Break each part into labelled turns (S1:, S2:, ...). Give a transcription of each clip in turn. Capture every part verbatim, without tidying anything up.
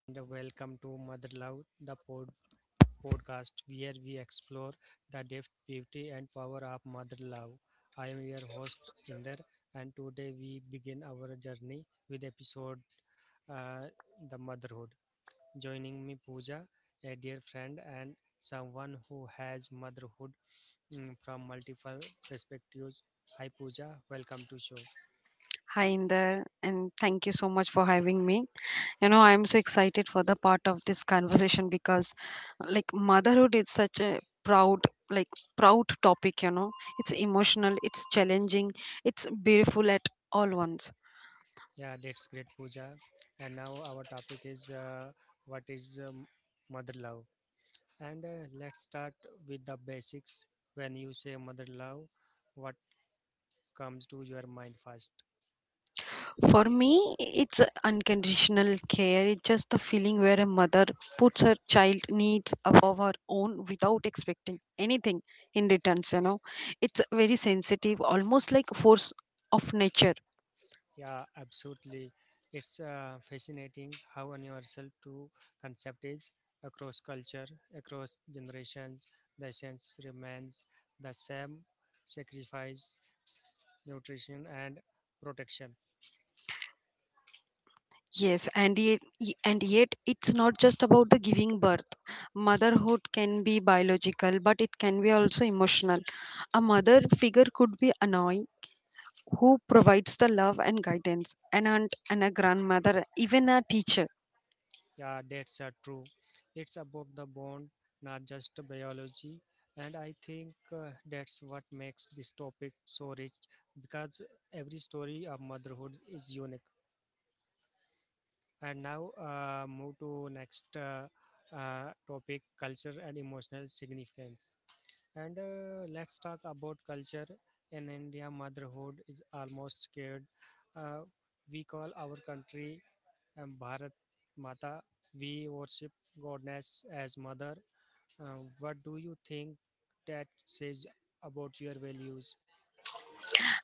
S1: and welcome to Mother Love, the pod- podcast where we explore the depth, beauty, and power of mother love. I am your host, Inder, and today we begin our journey with episode uh, The Motherhood. Joining me, Pooja, a dear friend and someone who has motherhood mm, from multiple perspectives. Hi, Pooja, welcome to show.
S2: Hi in there, and thank you so much for having me. You know, I'm so excited for the part of this conversation because, like, motherhood is such a proud, like, proud topic. You know, it's emotional, it's challenging, it's beautiful at all once.
S1: Yeah, that's great, Pooja. And now our topic is uh, what is um, mother love? And uh, let's start with the basics. When you say mother love, what comes to your mind first?
S2: For me, it's unconditional care. It's just the feeling where a mother puts her child needs above her own without expecting anything in returns, you know. It's very sensitive, almost like force of nature.
S1: Yeah, absolutely. It's uh, fascinating how universal to concept is across culture, across generations. The essence remains the same: sacrifice, nutrition, and protection.
S2: Yes, and yet, and yet it's not just about the giving birth. Motherhood can be biological, but it can be also emotional. A mother figure could be annoying who provides the love and guidance, an aunt and a grandmother, even a teacher.
S1: Yeah, that's uh, true. It's about the bond, not just biology. And I think uh, that's what makes this topic so rich because every story of motherhood is unique. And now uh, move to next uh, uh, topic, culture and emotional significance. And uh, let's talk about culture. In India, motherhood is almost scared. Uh, we call our country um, Bharat Mata. We worship goddess as mother. Uh, what do you think that says about your values?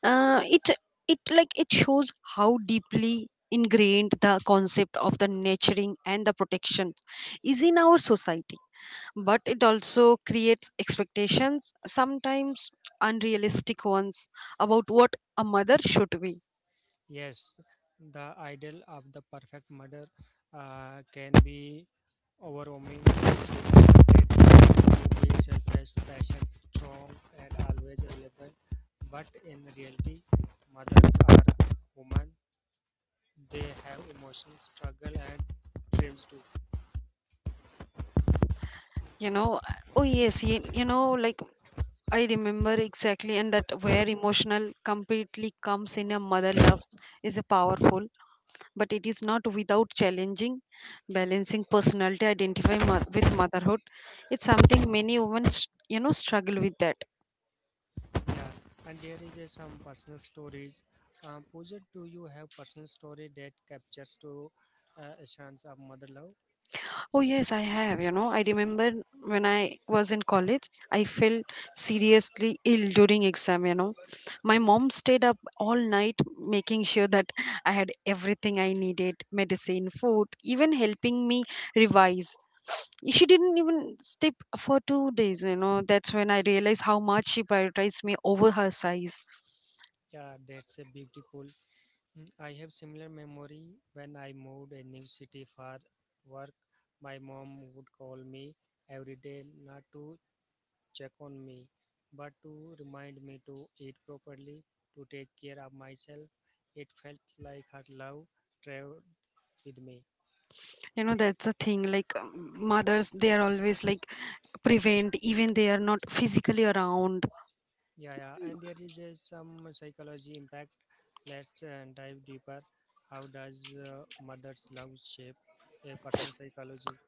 S2: Uh, it it like it shows how deeply ingrained the concept of the nurturing and the protection is in our society, but it also creates expectations, sometimes unrealistic ones, about what a mother should be.
S1: Yes, the ideal of the perfect mother uh, can be overwhelming. She is expected to be selfless, patient, strong, and always available. But in reality, mothers are women. They have emotions, struggle, and dreams too.
S2: you know oh yes. you, you know like I remember exactly, and that where emotional completely comes in. A mother love is a powerful, but it is not without challenging, balancing personality identify mo- with motherhood. It's something many women, s- you know, struggle with that.
S1: Yeah, and there is uh, some personal stories. Um, Pooja, do you have personal story that captures to uh, essence of mother love?
S2: Oh, yes, I have. You know, I remember when I was in college, I felt seriously ill during exam. You know, my mom stayed up all night making sure that I had everything I needed medicine, food, even helping me revise. She didn't even sleep for two days. You know, that's when I realized how much she prioritized me over her size.
S1: Yeah, that's a beautiful. Mm, I have similar memory when I moved a new city for work. My mom would call me every day not to check on me, but to remind me to eat properly, to take care of myself. It felt like her love traveled with me.
S2: You know, that's the thing. Like, um, mothers, they are always like prevent, even they are not physically around.
S1: Yeah, yeah. And there is uh, some psychology impact. Let's uh, dive deeper. How does uh, mother's love shape a person's psychology?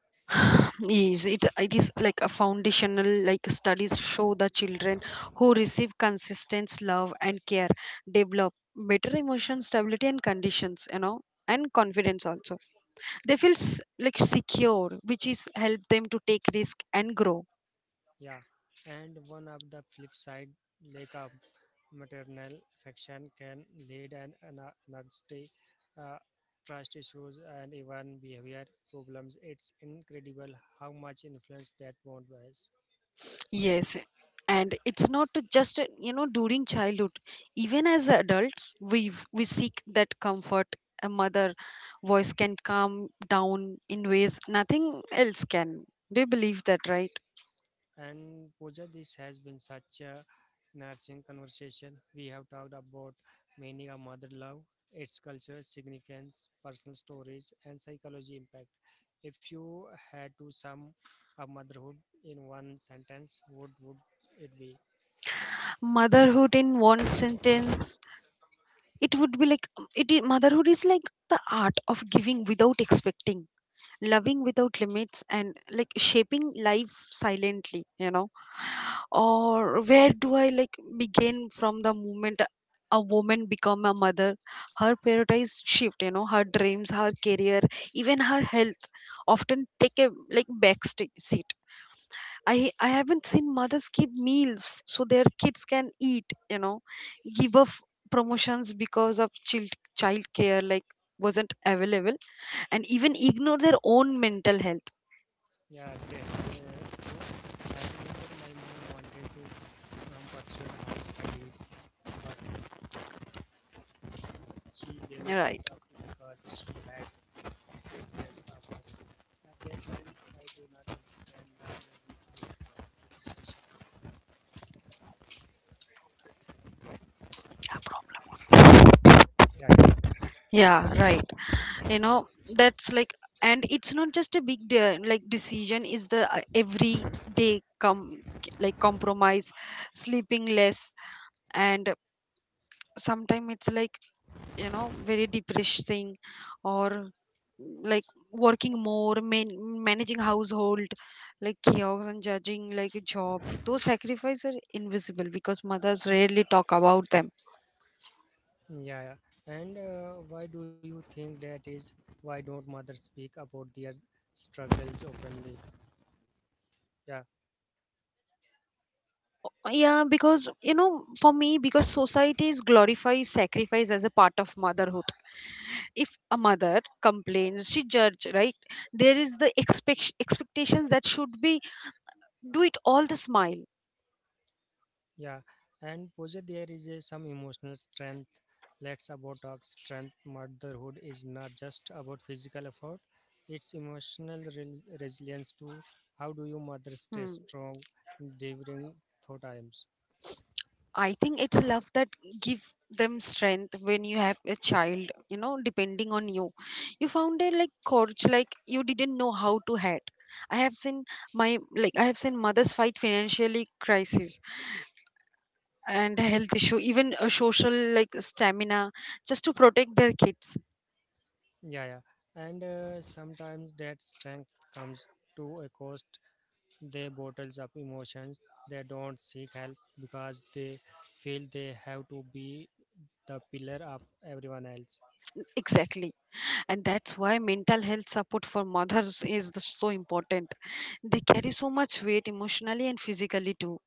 S2: Yes, it, it is like a foundational, like studies show the children who receive consistent love and care develop better emotion stability and conditions, you know, and confidence also. They feel s- like secure, which is help them to take risk and grow.
S1: Yeah, and one of the flip side, lack of maternal affection can lead an an- anxiety, uh, trust issues, and even behavior problems. It's incredible how much influence that bond has.
S2: Yes, and it's not just uh, you know during childhood. Even as adults, we we seek that comfort. A mother voice can calm down in ways nothing else can. Do you believe that, right?
S1: And Pooja, this has been such a nourishing conversation. We have talked about meaning of mother love, its culture, significance, personal stories, and psychology impact. If you had to sum up motherhood in one sentence, what would it be?
S2: Motherhood in one sentence, it would be like um, it. is, motherhood is like the art of giving without expecting, loving without limits, and like shaping life silently. You know, or where do I like begin from the moment a woman become a mother, her priorities shift, you know, her dreams, her career, even her health often take a like back sti- seat. I i haven't seen mothers skip meals f- so their kids can eat, you know, give up promotions because of child child care like wasn't available, and even ignore their own mental health.
S1: Yeah, that's uh, true. I think that my mom wanted to um, pursue high studies, but she gave
S2: Right.
S1: it up because she had That's obvious. At that I do not understand the level of discussion. Yeah, yeah.
S2: Yeah, right, you know, that's like, and it's not just a big de- like decision. Is the uh, every day come like compromise, sleeping less, and sometimes it's like, you know, very depressing, or like working more, man- managing household like chaos and judging like a job. Those sacrifices are invisible because mothers rarely talk about them.
S1: Yeah, yeah. And uh, why do you think that is? Why don't mothers speak about their struggles openly? Yeah,
S2: Yeah, because, you know, for me, because societies glorify sacrifice as a part of motherhood, if a mother complains she judge, right? There is the expect- expectations that should be do it all the smile.
S1: yeah. And Pooja, there is a, some emotional strength. Let's about talk strength. Motherhood is not just about physical effort; it's emotional re- resilience too. How do you mothers stay
S2: Hmm.
S1: strong during tough times?
S2: I think it's love that give them strength. When you have a child, you know, depending on you, you found it like courage, like you didn't know how to head. I have seen my like I have seen mothers fight financially crisis and health issue, even a social like stamina, just to protect their kids.
S1: Yeah, yeah. And uh, sometimes that strength comes to a cost. They bottles up emotions. They don't seek help because they feel they have to be the pillar of everyone else.
S2: Exactly, and that's why mental health support for mothers is the- so important. They carry so much weight emotionally and physically too.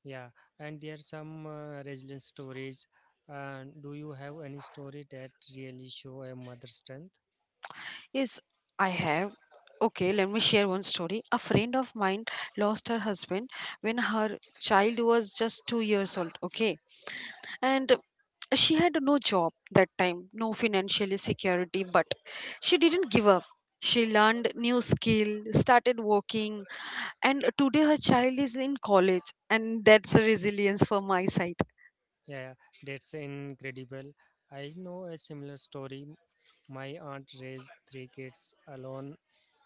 S1: Yeah. And there are some uh, resilience stories. And do you have any story that really show a mother's strength?
S2: Yes, I have. Okay, let me share one story. A friend of mine lost her husband when her child was just two years old. Okay. And she had no job that time, no financial security, but she didn't give up. She learned new skill, started working, and today her child is in college, and that's a resilience for my side.
S1: Yeah, yeah. That's incredible. I know a similar story. My aunt raised three kids alone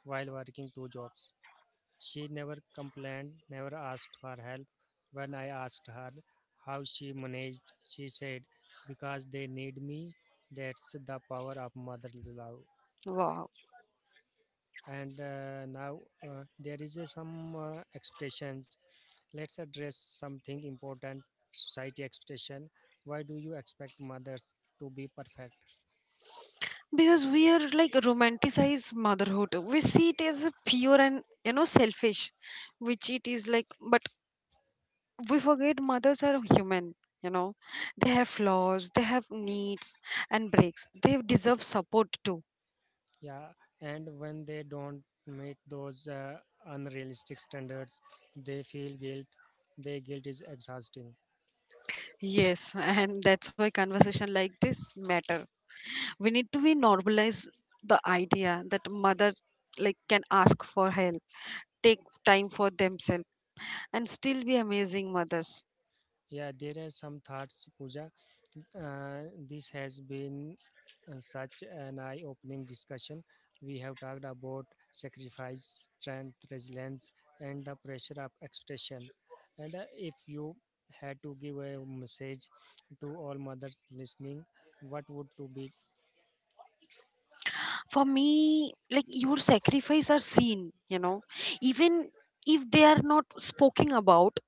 S1: while working two jobs. She never complained, never asked for help. When I asked her how she managed, she said, Because they need me. That's the power of mother love.
S2: Wow.
S1: And uh, now uh, there is a some uh, expressions. Let's address something important society expression. Why do you expect mothers to be perfect?
S2: Because we are like romanticize motherhood, we see it as a pure and, you know, selfish, which it is like, but we forget mothers are human, you know, they have flaws, they have needs and breaks, they deserve support too.
S1: Yeah, and when they don't meet those uh, unrealistic standards, they feel guilt. Their guilt is exhausting.
S2: Yes, and that's why conversation like this matter. We need to be normalize the idea that mother like can ask for help, take time for themselves, and still be amazing mothers.
S1: Yeah, there are some thoughts, Pooja. Uh, this has been uh, such an eye opening discussion. We have talked about sacrifice, strength, resilience, and the pressure of expectation. And uh, if you had to give a message to all mothers listening, what would to be?
S2: For me, like your sacrifice are seen, you know, even if they are not spoken about,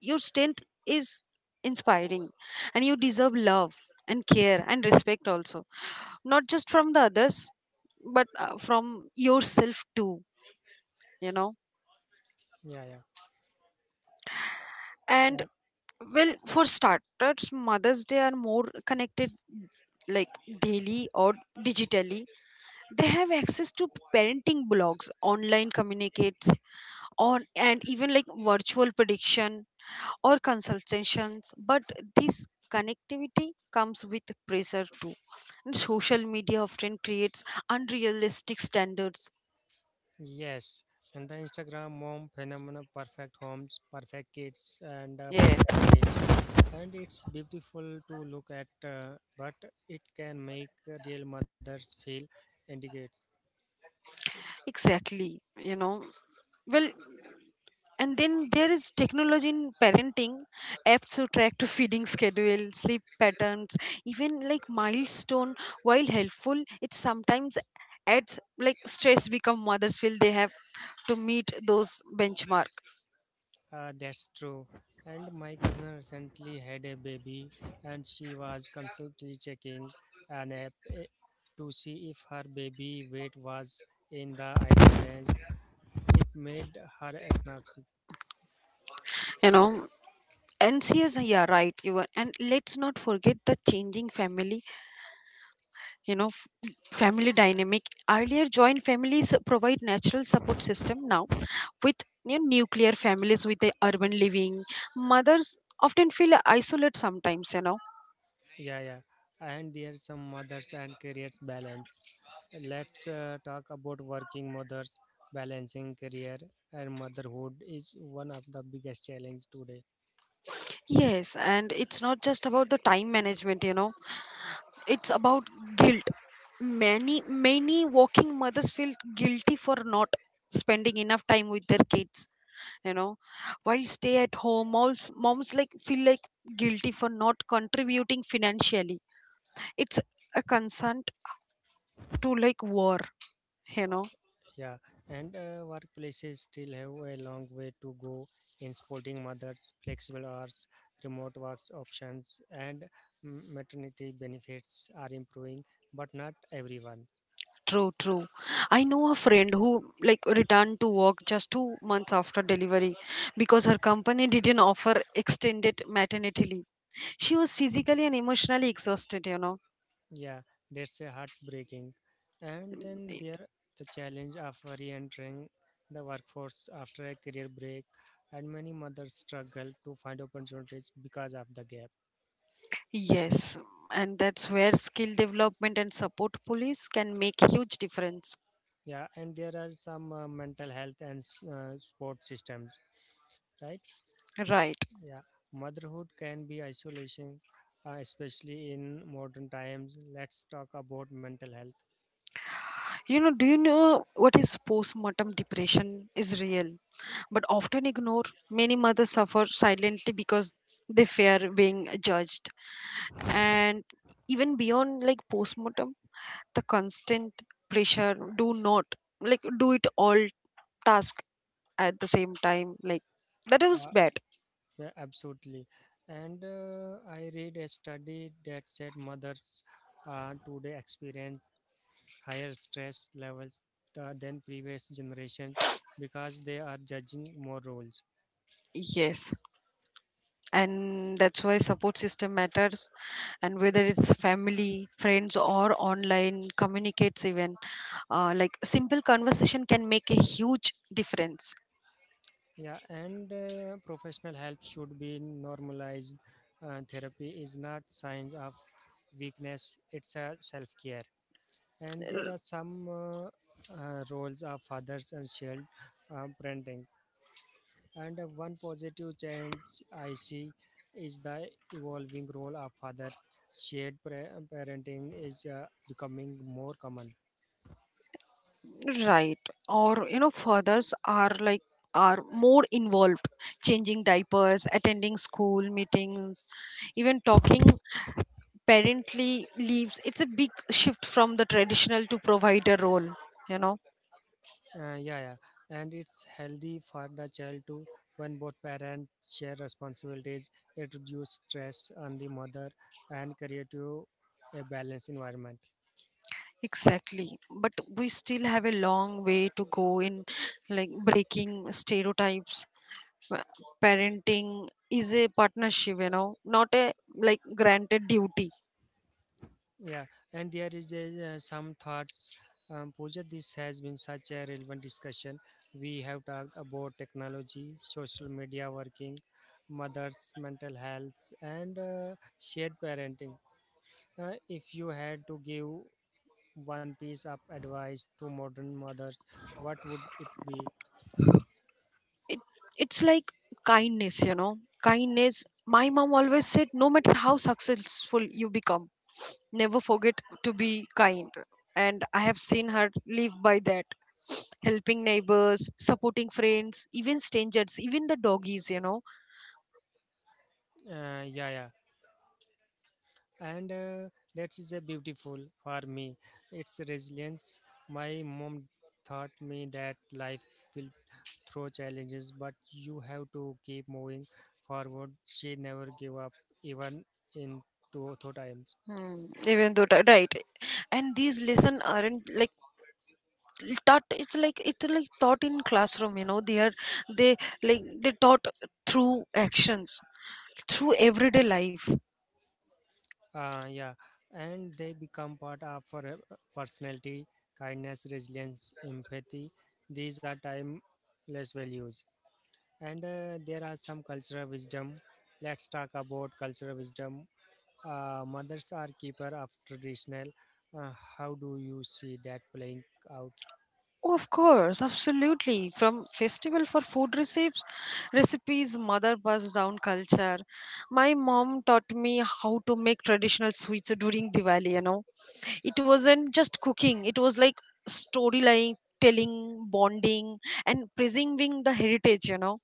S2: your strength is inspiring, and you deserve love and care and respect also, not just from the others but uh, from yourself too you know
S1: Yeah, yeah.
S2: and
S1: Uh,
S2: well, for starters, mothers they are more connected, like daily or digitally. They have access to parenting blogs, online communicates on, and even like virtual prediction or consultations. But this connectivity comes with pressure too, and social media often creates unrealistic standards.
S1: Yes, and the Instagram mom phenomenon, perfect homes, perfect kids, and uh,
S2: Yes,
S1: perfect dates, and it's beautiful to look at, uh, but it can make real mothers feel indicates.
S2: exactly, you know. Well, and then there is technology in parenting, apps to track to feeding schedule, sleep patterns, even like milestone. While helpful, it sometimes adds like stress become mothers feel they have to meet those benchmark.
S1: Uh, that's true. And my cousin recently had a baby, and she was constantly checking an app eh, to see if her baby weight was in the ideal range. It made her anxious.
S2: You know, and yes, yeah, right. You are, and let's not forget the changing family, you know, f- family dynamic. Earlier joint families provide natural support system. Now with, you know, nuclear families with the urban living, mothers often feel isolate sometimes, you know.
S1: Yeah, yeah. And there's some mothers and careers balance. Let's uh, talk about working mothers. Balancing career and motherhood is one of the biggest challenge today.
S2: Yes, and it's not just about the time management, you know, it's about guilt. Many, many working mothers feel guilty for not spending enough time with their kids, you know, while stay at home, moms, moms like feel like guilty for not contributing financially. It's a consent to like war, you know.
S1: Yeah, and uh, workplaces still have a long way to go in supporting mothers, flexible hours, remote works options, and m- maternity benefits are improving, but not everyone.
S2: True, true. I know a friend who like returned to work just two months after delivery because her company didn't offer extended maternity leave. She was physically and emotionally exhausted, you know.
S1: Yeah, that's a heartbreaking. And then there the challenge of re-entering the workforce after a career break, and many mothers struggle to find opportunities because of the gap.
S2: Yes, and that's where skill development and support police can make huge difference.
S1: Yeah, and there are some uh, mental health and s- uh, support systems, right?
S2: Right.
S1: Yeah, motherhood can be isolation, uh, especially in modern times. Let's talk about mental health.
S2: You know, do you know what is postmortem depression is real, but often ignored? Many mothers suffer silently because they fear being judged. And even beyond like postmortem, the constant pressure do not like do it all task at the same time. Like that was
S1: Uh,
S2: bad.
S1: Yeah, absolutely. And uh, I read a study that said mothers uh, today experience higher stress levels th- than previous generations because they are judging more roles.
S2: Yes, and that's why support system matters, and whether it's family, friends, or online communicates, even uh, like simple conversation can make a huge difference.
S1: Yeah, and uh, professional help should be normalized. Uh, therapy is not signs of weakness; it's a self-care. And there
S2: R-
S1: are some uh, uh, roles of fathers and shared uh, parenting. And uh, one positive change I see is the evolving role of father. Shared pra- parenting is uh, becoming more common.
S2: right, or, you know, fathers are like are more involved, changing diapers, attending school meetings, even talking parently leaves. It's a big shift from the traditional to provider role, you know.
S1: Uh, yeah, yeah, and it's healthy for the child to when both parents share responsibilities. It reduces stress on the mother and create you a balanced environment.
S2: Exactly. But we still have a long way to go in like breaking stereotypes. Pa- Parenting is a partnership, you know, not a like granted duty.
S1: Yeah, and there is a, uh, some thoughts. Um, Pooja, this has been such a relevant discussion. We have talked about technology, social media working, mothers' mental health, and uh, shared parenting. Uh, if you had to give one piece of advice to modern mothers, what would it be?
S2: It, it's like kindness, you know. Kindness. My mom always said, no matter how successful you become, never forget to be kind. And I have seen her live by that. Helping neighbors, supporting friends, even strangers, even the doggies, you know.
S1: Uh, yeah, yeah. and uh, that is a beautiful for me it's resilience my mom taught me that life will throw challenges but you have to keep moving forward she never gave up even in two two times
S2: Hmm. Even though ti- right, and these lesson aren't like taught. It's like it's like taught in classroom. You know, they are they like they taught through actions, through everyday life.
S1: uh, yeah and they become part of her uh, personality kindness resilience empathy these are timeless values and uh, there are some cultural wisdom let's talk about cultural wisdom uh, mothers are keeper of traditional uh, how do you see that playing out
S2: Oh, of course, absolutely. From festival for food recipes, recipes, mother passed down culture. My mom taught me how to make traditional sweets during Diwali. You know, it wasn't just cooking, it was like storyline telling, bonding, and preserving the heritage, you know.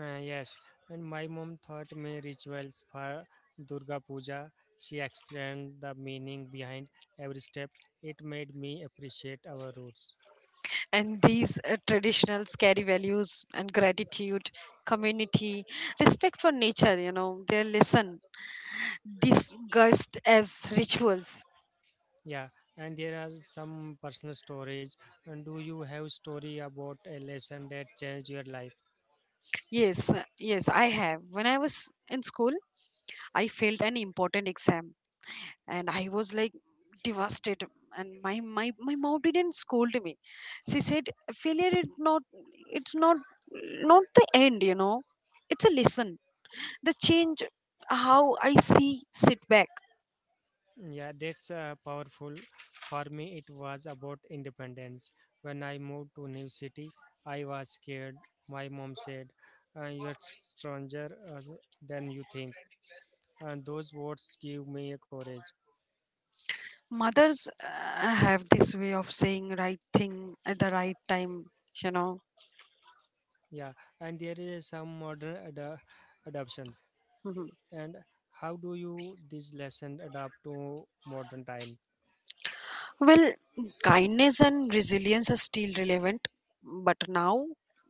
S1: Uh, yes and my mom taught me rituals for durga puja she explained the meaning behind every step it made me appreciate our roots
S2: And these uh, traditionals carry values and gratitude, community, respect for nature, you know, their lesson discussed as rituals.
S1: yeah and there are some personal stories and do you have story about a lesson that changed your life
S2: Yes uh, yes, I have. When I was in school, I failed an important exam, and I was like devastated, and my my my mom didn't scold me. She said failure is not it's not not the end, you know, it's a lesson, the change how I see setback.
S1: Yeah, that's uh, powerful. For me, it was about independence. When I moved to new city, I was scared. My mom said, uh, "You're stronger uh, than you think," and those words give me a courage.
S2: Mothers uh, have this way of saying right thing at the right time, you know.
S1: Yeah, and there is some modern ad- adoptions. And how do you this lesson adapt to modern time?
S2: Well, kindness and resilience are still relevant, but now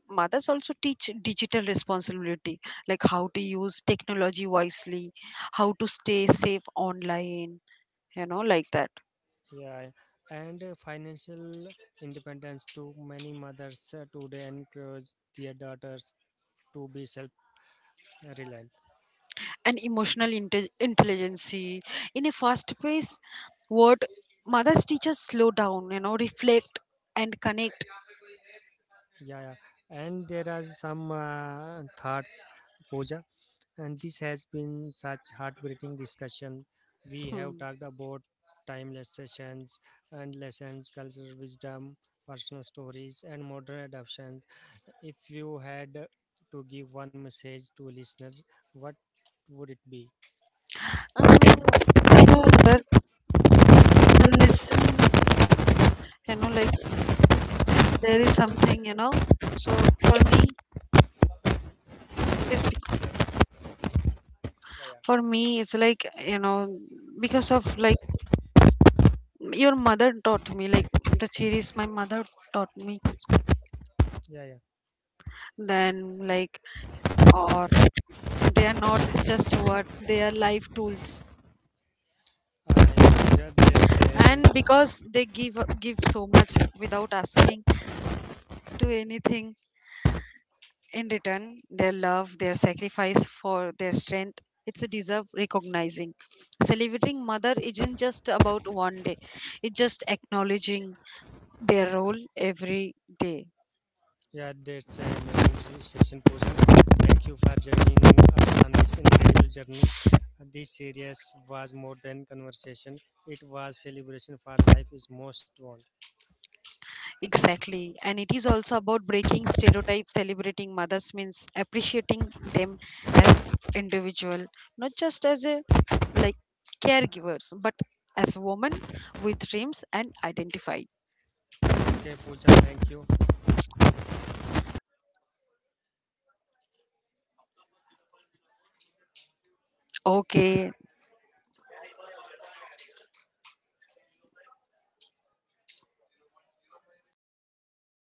S2: mothers also teach digital responsibility, like how to use technology wisely, how to stay safe online, you know, like that.
S1: Yeah, and uh, financial independence to many mothers uh, today encourage their daughters to be self reliant
S2: And emotional inte- intelligence in a fast pace world, mothers teach us slow down, you know, reflect and connect.
S1: yeah, yeah. and there are some uh, thoughts Pooja. And this has been such heartbreaking discussion we
S2: Hmm.
S1: have talked about timeless sessions and lessons cultural wisdom personal stories and modern adoptions if you had to give one message to listeners what would it be
S2: Um, you know, that the lesson, you know, like there is something, you know. So for me, It is bec-
S1: yeah
S2: for me, it's like, you know, because of like your mother taught me, like the series my mother taught me,
S1: yeah yeah yeah
S2: then like, or they are not just what they are life tools.
S1: uh, yeah,
S2: And
S1: there's a
S2: because they give give so much without asking to anything in return, their love, their sacrifice for their strength, it's a deserve recognizing. Celebrating mother isn't just about one day; it's just acknowledging their role every day.
S1: Yeah, that's an amazing session, Pooja. Thank you for joining us on this incredible journey. This series was more than conversation; it was celebration for life is most want.
S2: Exactly. And it is also about breaking stereotypes, celebrating mothers means appreciating them as individual, not just as a like caregivers, but as women with dreams and identify.
S1: Okay, Pooja, thank you.
S2: Okay,